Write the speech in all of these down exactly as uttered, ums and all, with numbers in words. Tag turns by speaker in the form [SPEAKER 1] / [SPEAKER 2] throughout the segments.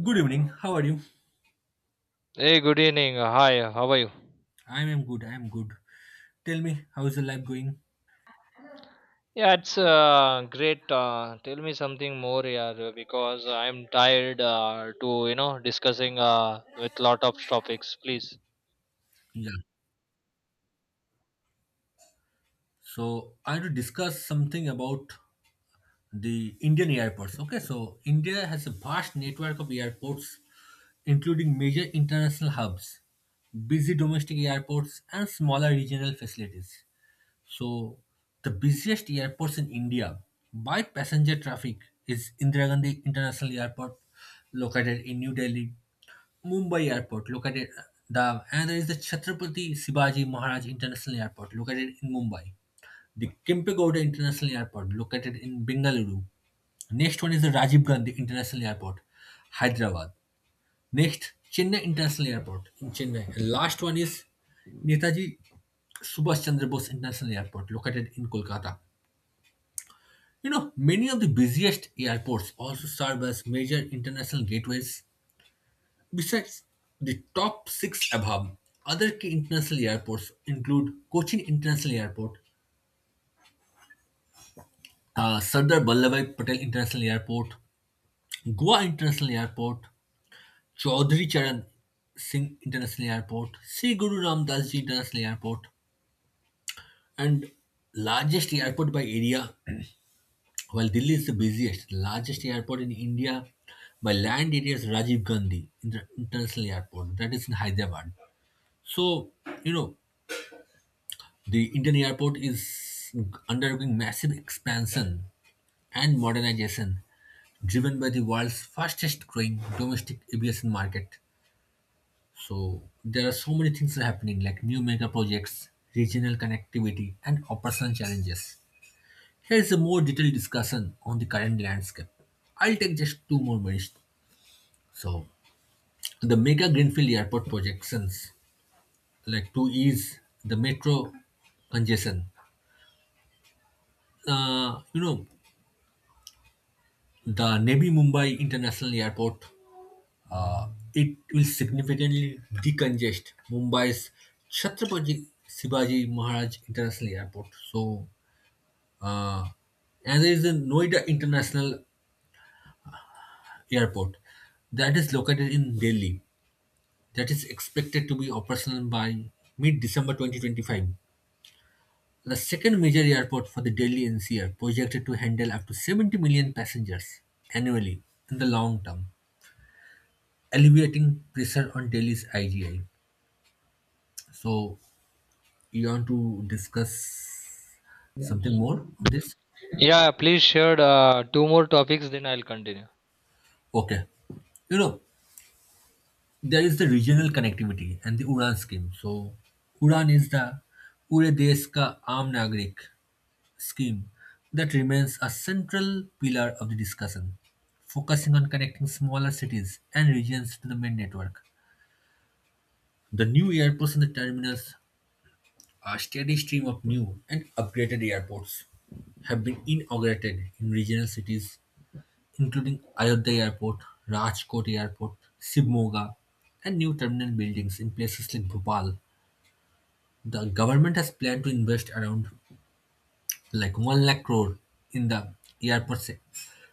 [SPEAKER 1] Good evening. How are you?
[SPEAKER 2] Hey, good evening. Uh, Hi, how are you?
[SPEAKER 1] I am good. I am good. Tell me, how is your life going?
[SPEAKER 2] Yeah, it's uh, great. Uh, tell me something more, yeah, uh, because I'm tired uh, to you know discussing uh, with lot of topics. Please,
[SPEAKER 1] Yeah. So I want to discuss something about the Indian airports. Okay. So India has a vast network of airports, including major international hubs, busy domestic airports, and smaller regional facilities. So the busiest airports in India by passenger traffic is Indira Gandhi International Airport, located in New Delhi; Mumbai Airport, located the and there is the Chhatrapati Shivaji Maharaj International Airport, located in Mumbai; the Kempegowda International Airport, located in Bengaluru. Next one is the Rajiv Gandhi International Airport, Hyderabad. Next, Chennai International Airport in Chennai. And last one is Netaji Subhash Chandra Bose International Airport, located in Kolkata. You know, many of the busiest airports also serve as major international gateways. Besides the top six above, other key international airports include Cochin International Airport, uh, Sardar Vallabhbhai Patel International Airport, Goa International Airport, Chaudhary Charan Singh International Airport, Sri Guru Ram Das Ji International Airport, and largest airport by area. While Delhi is the busiest, largest airport in India by land area is Rajiv Gandhi Inter- International Airport, that is in Hyderabad. So you know the Indian airport is undergoing massive expansion and modernization driven by the world's fastest growing domestic aviation market. So there are so many things are happening like new mega projects, regional connectivity, and operational challenges. Here is a more detailed discussion on the current landscape. I'll take just two more minutes. So the mega greenfield airport projections like to ease the metro congestion. Uh, you know, the Navi Mumbai International Airport. Uh, it will significantly decongest Mumbai's Chhatrapati Shivaji Maharaj International Airport. So, uh, and there is a Noida International Airport that is located in Delhi. That is expected to be operational by mid December twenty twenty-five, the second major airport for the Delhi N C R, projected to handle up to seventy million passengers annually in the long term, alleviating pressure on Delhi's I G I. So you want to discuss something more on this?
[SPEAKER 2] yeah, please share uh, two more topics, then I'll continue.
[SPEAKER 1] Okay. You know, there is the regional connectivity and the Uran scheme. So Uran is the Pure Desh Ka Aam Nagrik scheme that remains a central pillar of the discussion, focusing on connecting smaller cities and regions to the main network. The new airports and the terminals. A steady stream of new and upgraded airports have been inaugurated in regional cities, including Ayodhya Airport, Rajkot Airport, Shivmoga, and new terminal buildings in places like Bhopal. The government has planned to invest around like one lakh crore in the airport se-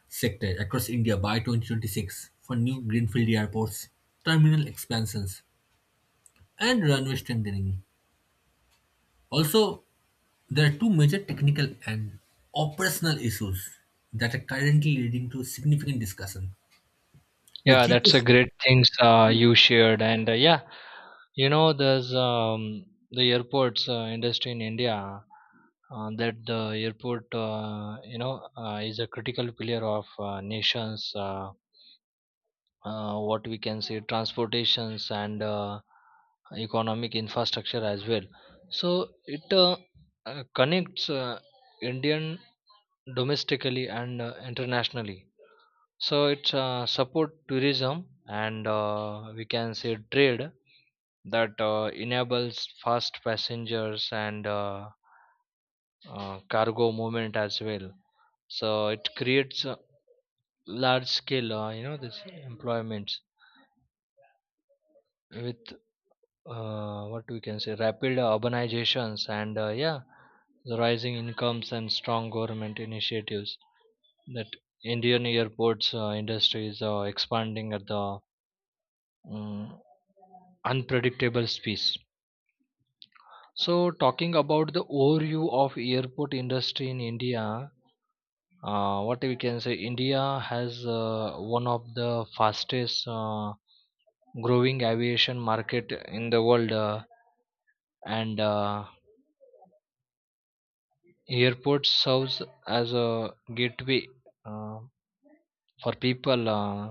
[SPEAKER 1] sector across India by twenty twenty-six for new greenfield airports, terminal expansions, and runway strengthening. Also, there are two major technical and operational issues that are currently leading to significant discussion. The
[SPEAKER 2] Yeah, that's a
[SPEAKER 1] G P S,
[SPEAKER 2] great things uh, you shared, and uh, yeah, you know, there's um, the airports uh, industry in India. Uh, that the airport, uh, you know, uh, is a critical pillar of uh, nation's uh, uh, what we can say transportations and uh, economic infrastructure as well. So it uh, uh, connects uh, indian domestically and uh, internationally. So it uh, support tourism and uh, we can say trade that uh, enables fast passengers and uh, uh, cargo movement as well. So it creates uh, large scale uh, you know this employments with uh, what we can say rapid urbanizations and uh, yeah, the rising incomes and strong government initiatives, that indian airports uh, industry is uh, expanding at the mm, unpredictable space. So talking about the overview of airport industry in india, uh, what we can say india has uh, one of the fastest uh, growing aviation market in the world, uh, and uh, Airport serves as a gateway uh, for people, uh,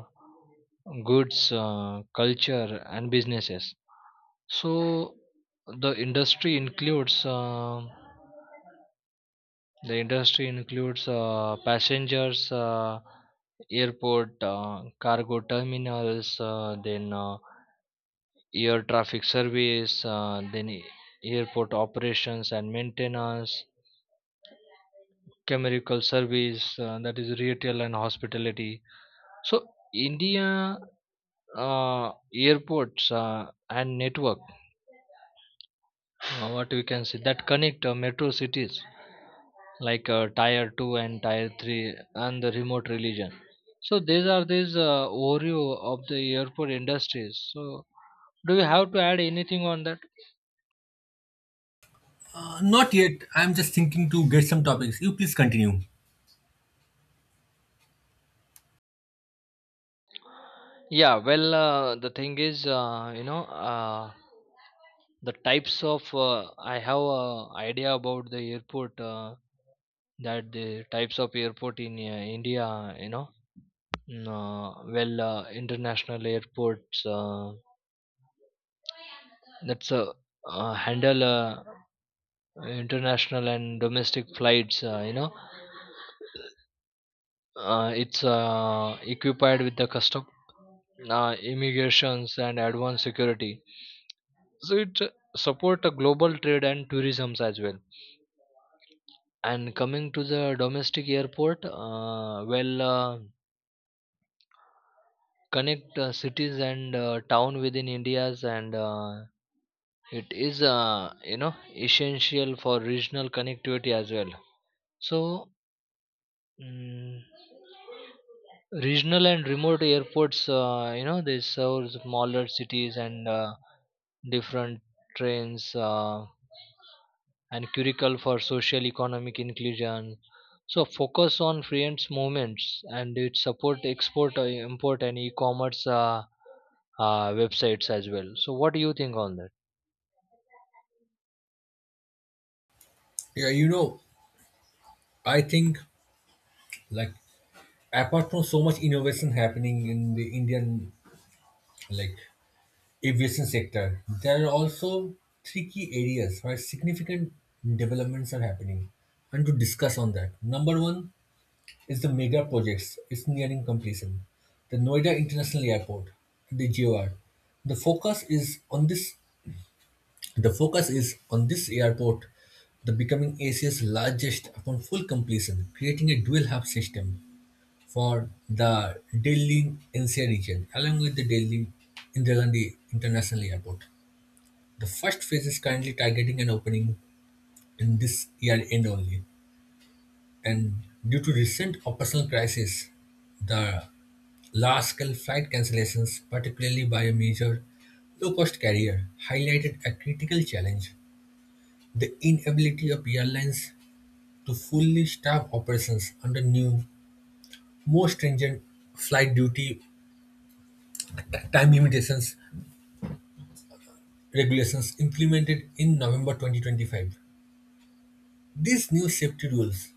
[SPEAKER 2] goods, uh, culture, and businesses. So the industry includes uh, the industry includes uh, passengers, uh, airport, uh, cargo terminals, uh, then uh, air traffic service, uh, then a- airport operations and maintenance, chemical service, uh, that is retail and hospitality. So India uh, airports uh, and network, uh, what we can say that connect uh, metro cities like uh, tier two and tier three and the remote region. So these are these uh, Oreo of the airport industries. So do you have to add anything on that?
[SPEAKER 1] uh, not yet. I'm just thinking to get some topics. You please continue.
[SPEAKER 2] Yeah. Well, uh, the thing is, uh, you know. Uh, the types of uh, I have a idea about the airport uh, that the types of airport in uh, india, you know. Mm, Uh, well, uh, international airports uh, that's uh, uh, handle uh, international and domestic flights. Uh, you know, uh, it's uh, equipped with the custom, uh, immigrations, and advanced security. So it uh, support a global trade and tourism as well. And coming to the domestic airport, uh, well, uh, connect uh, cities and uh, town within India's and uh, it is, uh, you know, essential for regional connectivity as well. So, mm, regional and remote airports, uh, you know, they serve smaller cities and uh, different trains uh, and curricle for social economic inclusion. So, focus on freelance movements and it support export, uh, import, and e-commerce uh, uh, websites as well. So, what do you think on that?
[SPEAKER 1] Yeah, you know, I think like apart from so much innovation happening in the Indian like aviation sector, there are also three key areas where significant developments are happening, and to discuss on that. Number one, is the mega projects is nearing completion. The Noida International Airport, the G O R. The focus is on this the focus is on this airport the becoming Asia's largest upon full completion, creating a dual hub system for the Delhi N C R region along with the Delhi Indira Gandhi International Airport. The first phase is currently targeting an opening in this year end only. And due to recent operational crisis, the large-scale flight cancellations, particularly by a major low-cost carrier, highlighted a critical challenge: the inability of airlines to fully staff operations under new, more stringent flight duty time limitations regulations implemented in November twenty twenty-five. These new safety rules,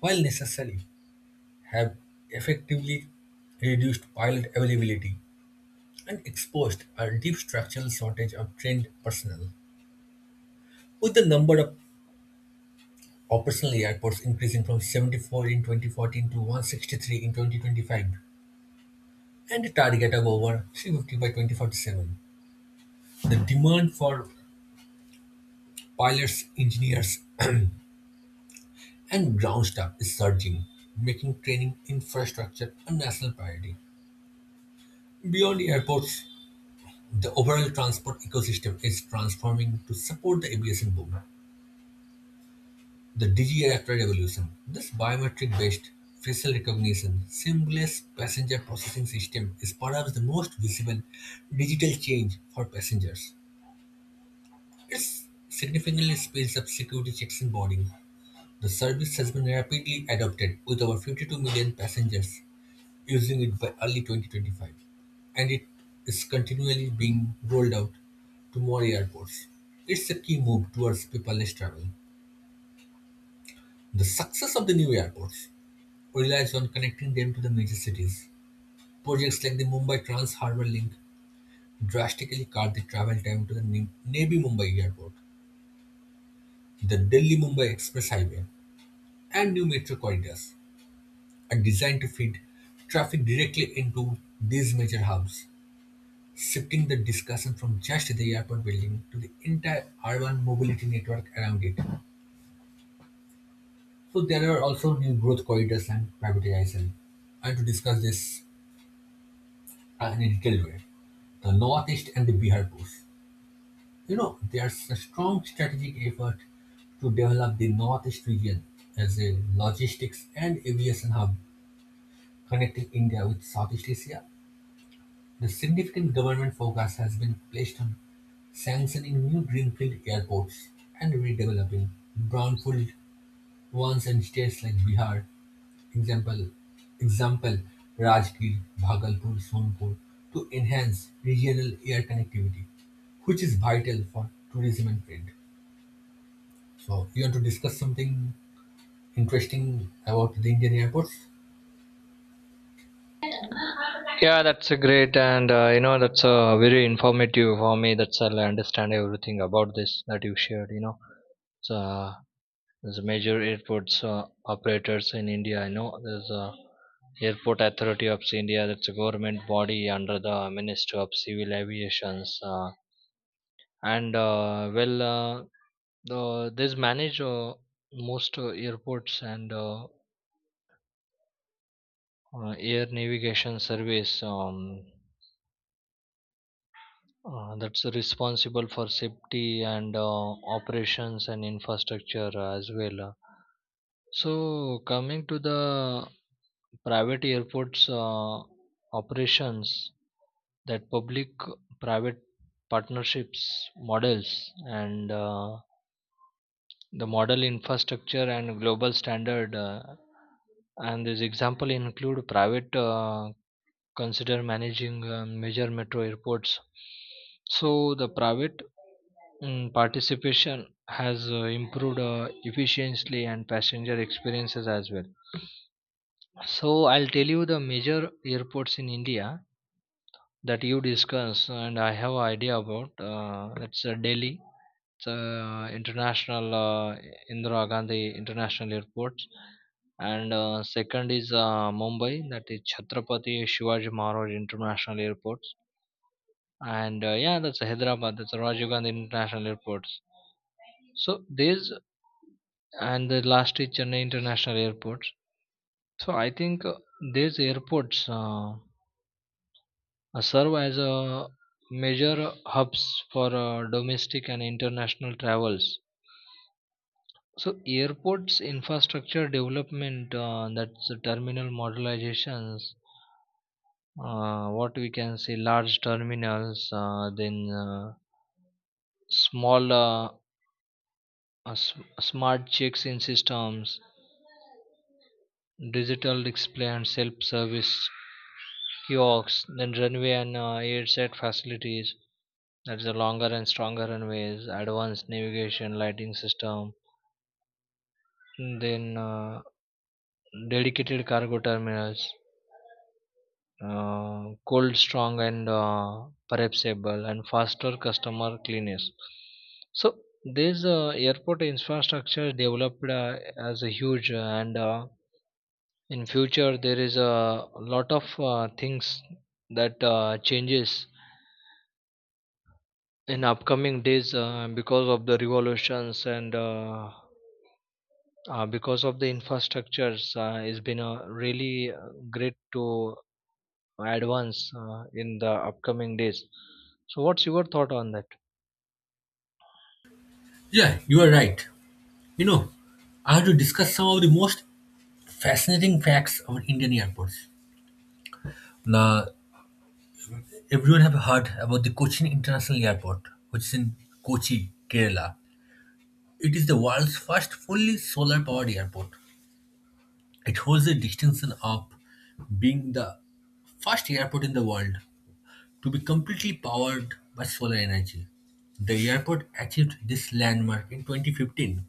[SPEAKER 1] while necessary, have effectively reduced pilot availability and exposed a deep structural shortage of trained personnel. With the number of operational airports increasing from seventy-four in twenty fourteen to one hundred sixty-three in twenty twenty-five and a target of over three hundred fifty by twenty forty-seven, the demand for pilots, engineers, and ground staff is surging, making training infrastructure a national priority. Beyond airports, the overall transport ecosystem is transforming to support the aviation boom. The Digier after revolution, this biometric-based facial recognition seamless passenger processing system is perhaps the most visible digital change for passengers. It significantly speeds up security checks and boarding. The service has been rapidly adopted with over fifty-two million passengers using it by early twenty twenty-five, and it is continually being rolled out to more airports. It's a key move towards paperless travel. The success of the new airports relies on connecting them to the major cities. Projects like the Mumbai Trans Harbour Link drastically cut the travel time to the Ne- Navi Mumbai Airport. The Delhi Mumbai Express Highway and new metro corridors are designed to feed traffic directly into these major hubs, shifting the discussion from just the airport building to the entire urban mobility network around it. So, there are also new growth corridors and privatization. And to discuss this uh, in a detailed way, the Northeast and the Bihar Coast. You know, there's a strong strategic effort to develop the Northeast region as a logistics and aviation hub connecting India with Southeast Asia. The significant government focus has been placed on sanctioning new greenfield airports and redeveloping brownfield ones in states like Bihar, example, example Rajgir, Bhagalpur, Sonpur, to enhance regional air connectivity, which is vital for tourism and trade. So you want to discuss something interesting about the Indian airports?
[SPEAKER 2] Yeah, that's a great, and uh, you know, that's uh, very informative for me. That's all I understand everything about this that you shared. You know, so uh, there's major airports uh, operators in India. I know there's a Airport Authority of India. That's a government body under the Ministry of Civil Aviations, uh, and uh, well, uh, the this manage uh, most uh, airports and uh, uh, air navigation service. Um, Uh, that's responsible for safety and uh, operations and infrastructure as well. Uh, So, coming to the private airports uh, operations, that public private partnerships models and uh, the model infrastructure and global standard. Uh, and this example include private uh, consider managing uh, major metro airports. So the private mm, participation has uh, improved uh, efficiently and passenger experiences as well. So I'll tell you the major airports in India that you discuss, and I have idea about. Uh, it's uh, Delhi, it's uh, international uh, Indira Gandhi International Airport, and uh, second is uh, Mumbai, that is Chhatrapati Shivaji Maharaj International Airport, and uh, yeah, that's hyderabad, that's rajiv gandhi international airports. So these and the last is chennai international airports. So I think uh, these airports uh, uh, serve as a major hubs for uh, domestic and international travels. So airports infrastructure development uh, that's the terminal modelizations, uh, what we can say large terminals uh, then uh, small uh, uh, s- smart checks in systems, digital display and self-service kiosks, then runway and uh, airset facilities. That's a longer and stronger runways, advanced navigation, lighting system, then uh, dedicated cargo terminals, uh, cold strong and uh, perishable, and faster customer cleanliness. So this uh, airport infrastructure developed uh, as a huge uh, and uh, in future there is a lot of uh, things that uh, changes in upcoming days uh, because of the revolutions and uh, uh, because of the infrastructures uh, it's been a really uh, great to advance uh, in the upcoming days. So what's your thought on that?
[SPEAKER 1] Yeah, you are right. You know, I have to discuss some of the most fascinating facts about Indian airports. Now, everyone have heard about the Cochin International Airport, which is in Kochi, Kerala. It is the world's first fully solar-powered airport. It holds the distinction of being the first airport in the world to be completely powered by solar energy. The airport achieved this landmark in twenty fifteen.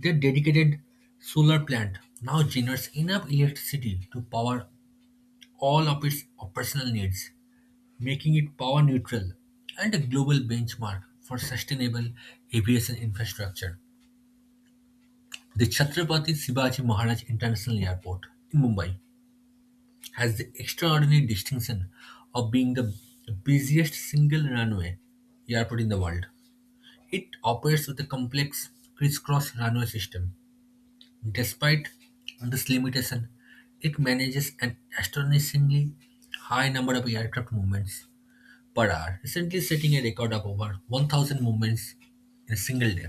[SPEAKER 1] Their dedicated solar plant now generates enough electricity to power all of its operational needs, making it power neutral and a global benchmark for sustainable aviation infrastructure. The Chhatrapati Shivaji Maharaj International Airport in Mumbai has the extraordinary distinction of being the busiest single runway airport in the world. It operates with a complex crisscross runway system. Despite this limitation, it manages an astonishingly high number of aircraft movements per hour, recently setting a record of over one thousand movements in a single day,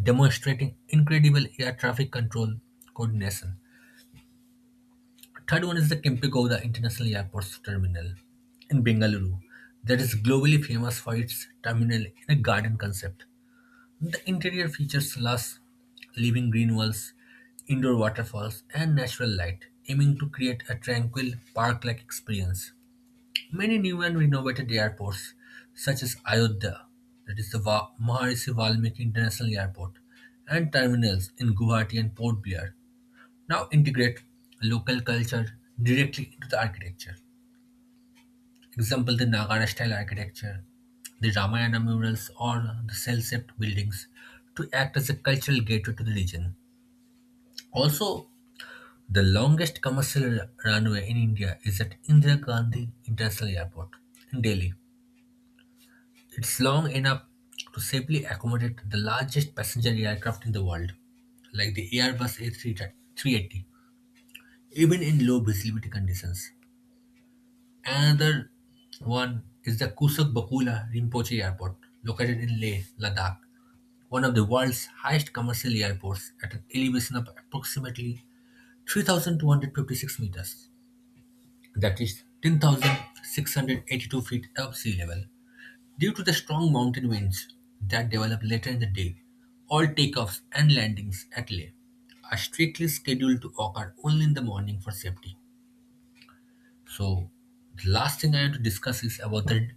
[SPEAKER 1] demonstrating incredible air traffic control coordination. Third one is the Kempegowda International Airport Terminal in Bengaluru that is globally famous for its terminal in a garden concept. The interior features lush living green walls, indoor waterfalls, and natural light, aiming to create a tranquil park-like experience. Many new and renovated airports, such as Ayodhya, that is the Va- Maharishi Valmiki International Airport, and terminals in Guwahati and Port Blair, now integrate local culture directly into the architecture. Example the Nagara style architecture, the Ramayana murals or the cell-shaped buildings to act as a cultural gateway to the region. Also, the longest commercial runway in India is at Indira Gandhi International Airport in Delhi. It's long enough to safely accommodate the largest passenger aircraft in the world, like the Airbus A three eighty, even in low visibility conditions. Another one is the Kusak Bakula Rinpoche Airport, located in Leh, Ladakh, one of the world's highest commercial airports at an elevation of approximately three thousand two hundred fifty-six meters, that is ten thousand six hundred eighty-two feet above sea level. Due to the strong mountain winds that develop later in the day, all takeoffs and landings at Leh are strictly scheduled to occur only in the morning for safety. So the last thing I want to discuss is about the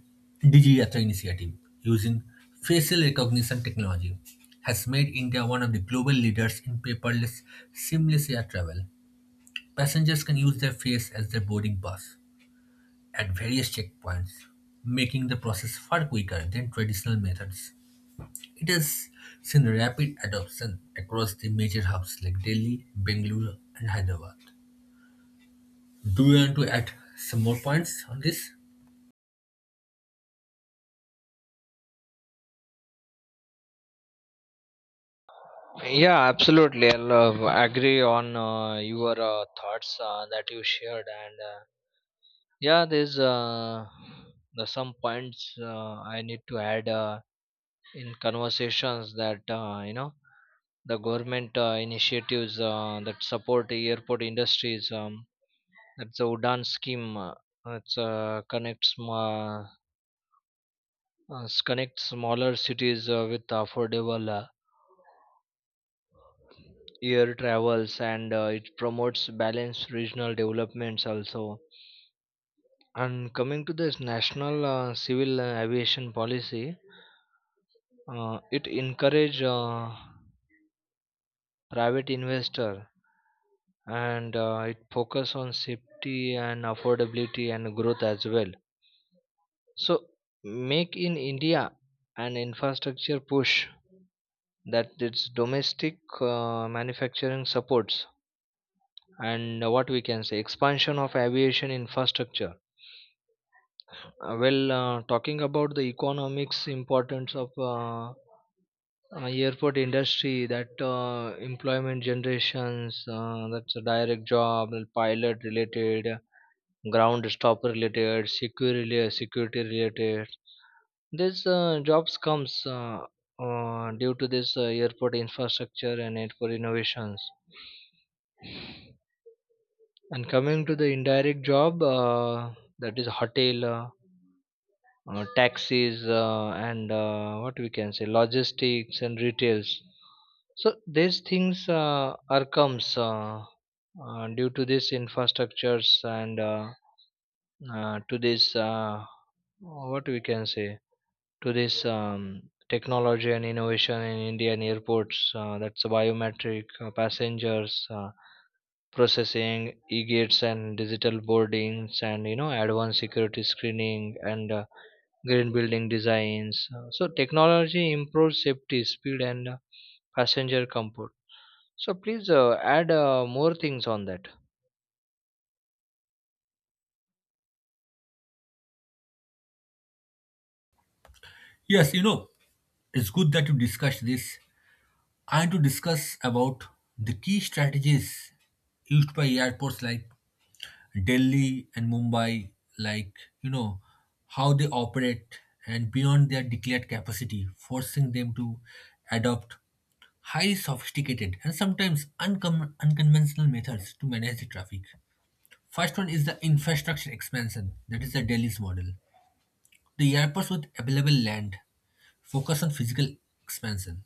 [SPEAKER 1] DigiYatra initiative using facial recognition technology has made India one of the global leaders in paperless, seamless air travel. Passengers can use their face as their boarding pass at various checkpoints, making the process far quicker than traditional methods. It has seen rapid adoption across the major hubs like Delhi, Bengaluru, and Hyderabad. Do you want to add some more points on this?
[SPEAKER 2] Yeah, absolutely, i'll uh, agree on uh, your uh, thoughts uh, that you shared, and uh, yeah, there's uh, there's some points uh, I need to add uh, in conversations, that uh, you know the government uh, initiatives uh, that support the airport industries. Um, that's the Udan scheme. Uh, it's uh, connects uh, uh, s- connects smaller cities uh, with affordable uh, air travels, and uh, it promotes balanced regional developments also. And coming to this national uh, civil uh, aviation policy, uh, it encourage uh, private investor and uh, it focus on safety and affordability and growth as well. So make in india, an infrastructure push, that its domestic uh, manufacturing supports and uh, what we can say expansion of aviation infrastructure. Uh, well, uh, talking about the economics importance of uh, uh, airport industry, that uh, employment generations, uh, that's a direct job, pilot related, ground stop related, security security related, this uh, jobs comes uh, uh, due to this uh, airport infrastructure and airport innovations. And coming to the indirect job, uh, that is hotel, uh, uh, taxis, uh, and uh, what we can say logistics and retails. So these things uh, are comes uh, uh, due to these infrastructures and uh, uh, to this uh, what we can say, to this um, technology and innovation in Indian airports. Uh, that's biometric uh, passengers uh, processing, e-gates and digital boardings, and you know advanced security screening and uh, green building designs. Uh, so technology improves safety, speed, and uh, passenger comfort. So please uh, add uh, more things on that.
[SPEAKER 1] Yes, you know, it's good that you discussed this. I want to discuss about the key strategies used by airports like Delhi and Mumbai, like you know how they operate and beyond their declared capacity, forcing them to adopt highly sophisticated and sometimes uncom- unconventional methods to manage the traffic. First one is the infrastructure expansion, that is the Delhi's model. The airports with available land focus on physical expansion.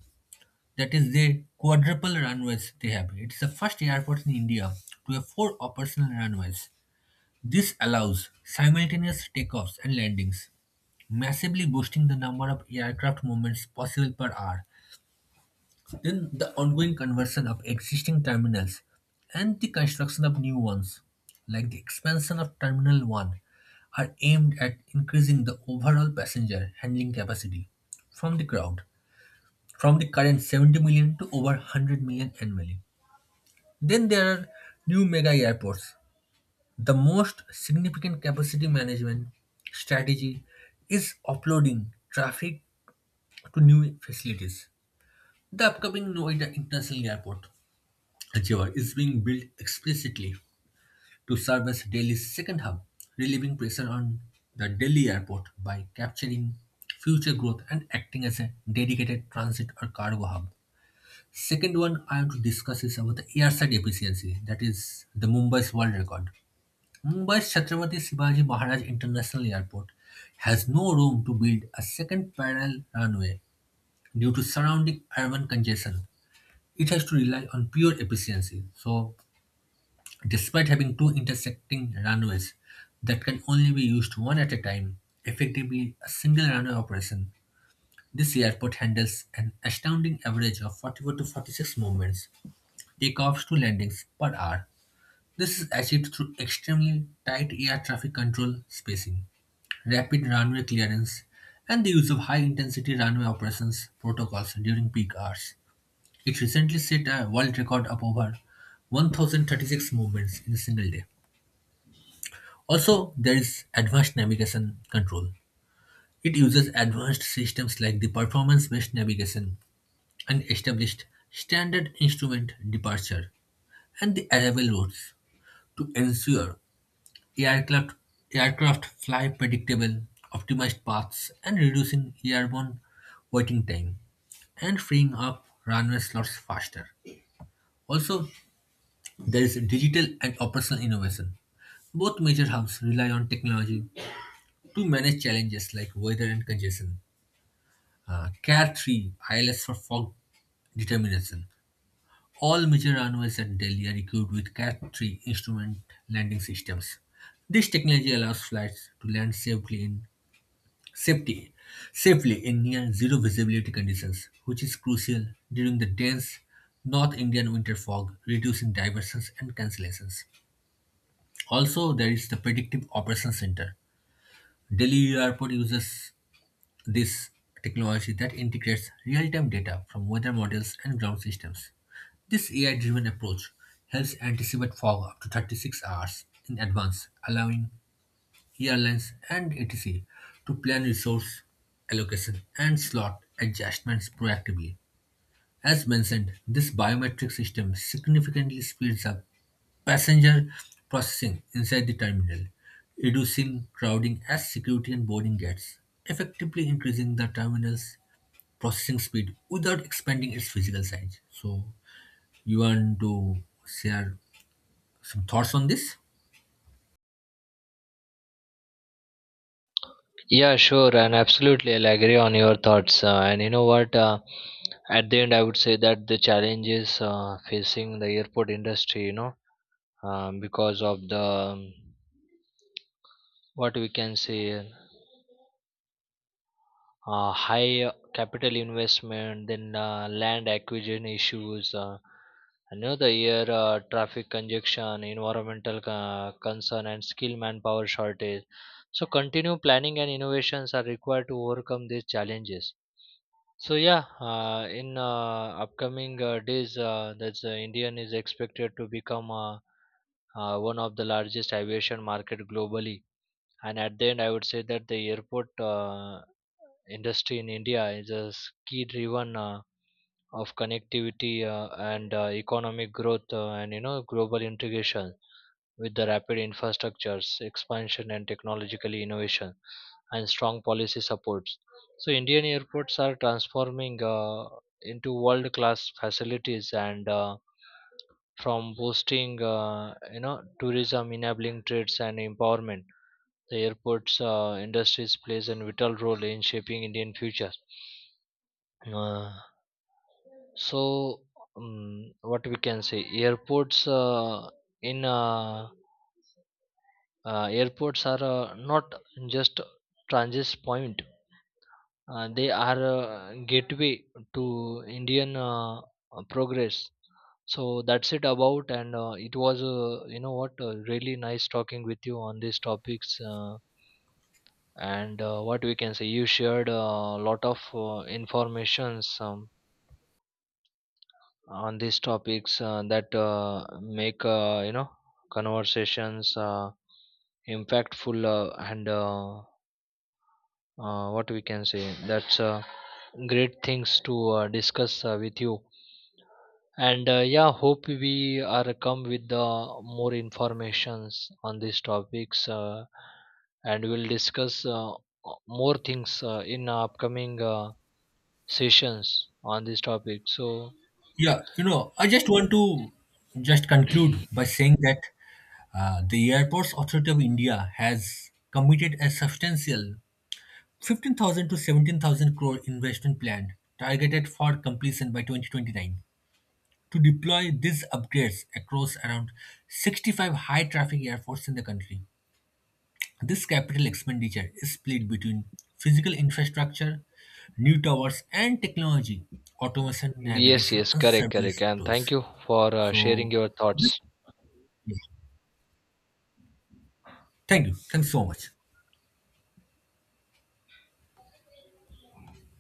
[SPEAKER 1] That is, they quadruple runways they have. It's the first airport in India to have four operational runways. This allows simultaneous takeoffs and landings, massively boosting the number of aircraft movements possible per hour. Then the ongoing conversion of existing terminals and the construction of new ones, like the expansion of Terminal one, are aimed at increasing the overall passenger handling capacity from the crowd from the current seventy million to over one hundred million annually. Then there are new mega airports. The most significant capacity management strategy is offloading traffic to new facilities. The upcoming Noida International Airport, Jewar, is being built explicitly to serve as Delhi's second hub, relieving pressure on the Delhi airport by capturing future growth and acting as a dedicated transit or cargo hub. Second one I want to discuss is about the airside efficiency, that is the Mumbai's world record. Mumbai's Chhatrapati Shivaji Maharaj International Airport has no room to build a second parallel runway due to surrounding urban congestion. It has to rely on pure efficiency. So, despite having two intersecting runways that can only be used one at a time, effectively a single runway operation, this airport handles an astounding average of forty-four to forty-six movements, takeoffs to landings per hour. This is achieved through extremely tight air traffic control spacing, rapid runway clearance, and the use of high intensity runway operations protocols during peak hours. It recently set a world record of over one thousand thirty-six movements in a single day. Also, there is advanced navigation control. It uses advanced systems like the performance based navigation and established standard instrument departure and the arrival routes to ensure Aircraft, aircraft fly predictable, optimized paths and reducing airborne waiting time and freeing up runway slots faster. Also, there is digital and operational innovation. Both major hubs rely on technology to manage challenges like weather and congestion. Uh, car three I L S for fog determination. All major runways at Delhi are equipped with cat three instrument landing systems. This technology allows flights to land safely in safety safely in near zero visibility conditions, which is crucial during the dense North Indian winter fog, reducing diversions and cancellations. Also, there is the Predictive Operations Center. Delhi Airport uses this technology that integrates real-time data from weather models and ground systems. This A I-driven approach helps anticipate fog up to thirty-six hours in advance, allowing airlines, and et cetera to plan resource allocation and slot adjustments proactively. As mentioned, this biometric system significantly speeds up passenger processing inside the terminal, reducing crowding at security and boarding gates, effectively increasing the terminal's processing speed without expanding its physical size. So, you want to share some thoughts on this?
[SPEAKER 2] Yeah, sure, and absolutely, I'll agree on your thoughts. Uh, and you know what? Uh, At the end, I would say that the challenges uh, facing the airport industry, you know, um, because of the um, what we can say uh, high capital investment, then uh, land acquisition issues, uh, and, you know, the air uh, traffic congestion, environmental uh, concern, and skilled manpower shortage. So, continue planning and innovations are required to overcome these challenges. So yeah, uh, in uh, upcoming uh, days, uh, that's uh, Indian is expected to become uh, uh, one of the largest aviation market globally. And at the end, I would say that the airport uh, industry in India is a key-driven uh, of connectivity uh, and uh, economic growth uh, and you know global integration with the rapid infrastructures expansion and technological innovation and strong policy supports. So indian airports are transforming uh, into world class facilities and uh, from boosting uh, you know tourism, enabling trades and empowerment. The airports uh, industries plays a vital role in shaping indian future. uh, so, um, what we can say, airports uh, in uh, uh, airports are uh, not just transit point. Uh, they are uh, gateway to Indian uh, uh, progress. So that's it about, and uh, it was uh, you know what, uh, really nice talking with you on these topics. Uh, and uh, what we can say, you shared a lot of uh, informations. Um, on these topics uh, that uh, make uh, you know conversations uh, impactful uh, and uh, uh, what we can say that's uh, great things to uh, discuss uh, with you, and uh, yeah, hope we are come with the more informations on these topics uh, and we'll discuss uh, more things uh, in upcoming uh, sessions on this topic. So
[SPEAKER 1] Yeah, you know, I just want to just conclude by saying that Uh, the Airports Authority of India has committed a substantial fifteen thousand to seventeen thousand crore investment plan targeted for completion by twenty twenty-nine to deploy these upgrades across around sixty-five high traffic airports in the country. This capital expenditure is split between physical infrastructure, new towers, and technology, automation,
[SPEAKER 2] yes,
[SPEAKER 1] navigation,
[SPEAKER 2] yes,
[SPEAKER 1] and
[SPEAKER 2] correct, correct.
[SPEAKER 1] surveillance
[SPEAKER 2] And thank
[SPEAKER 1] tools.
[SPEAKER 2] you for uh, sharing
[SPEAKER 1] So,
[SPEAKER 2] your
[SPEAKER 1] this,
[SPEAKER 2] thoughts.
[SPEAKER 1] yeah. Thank you. Thanks so much.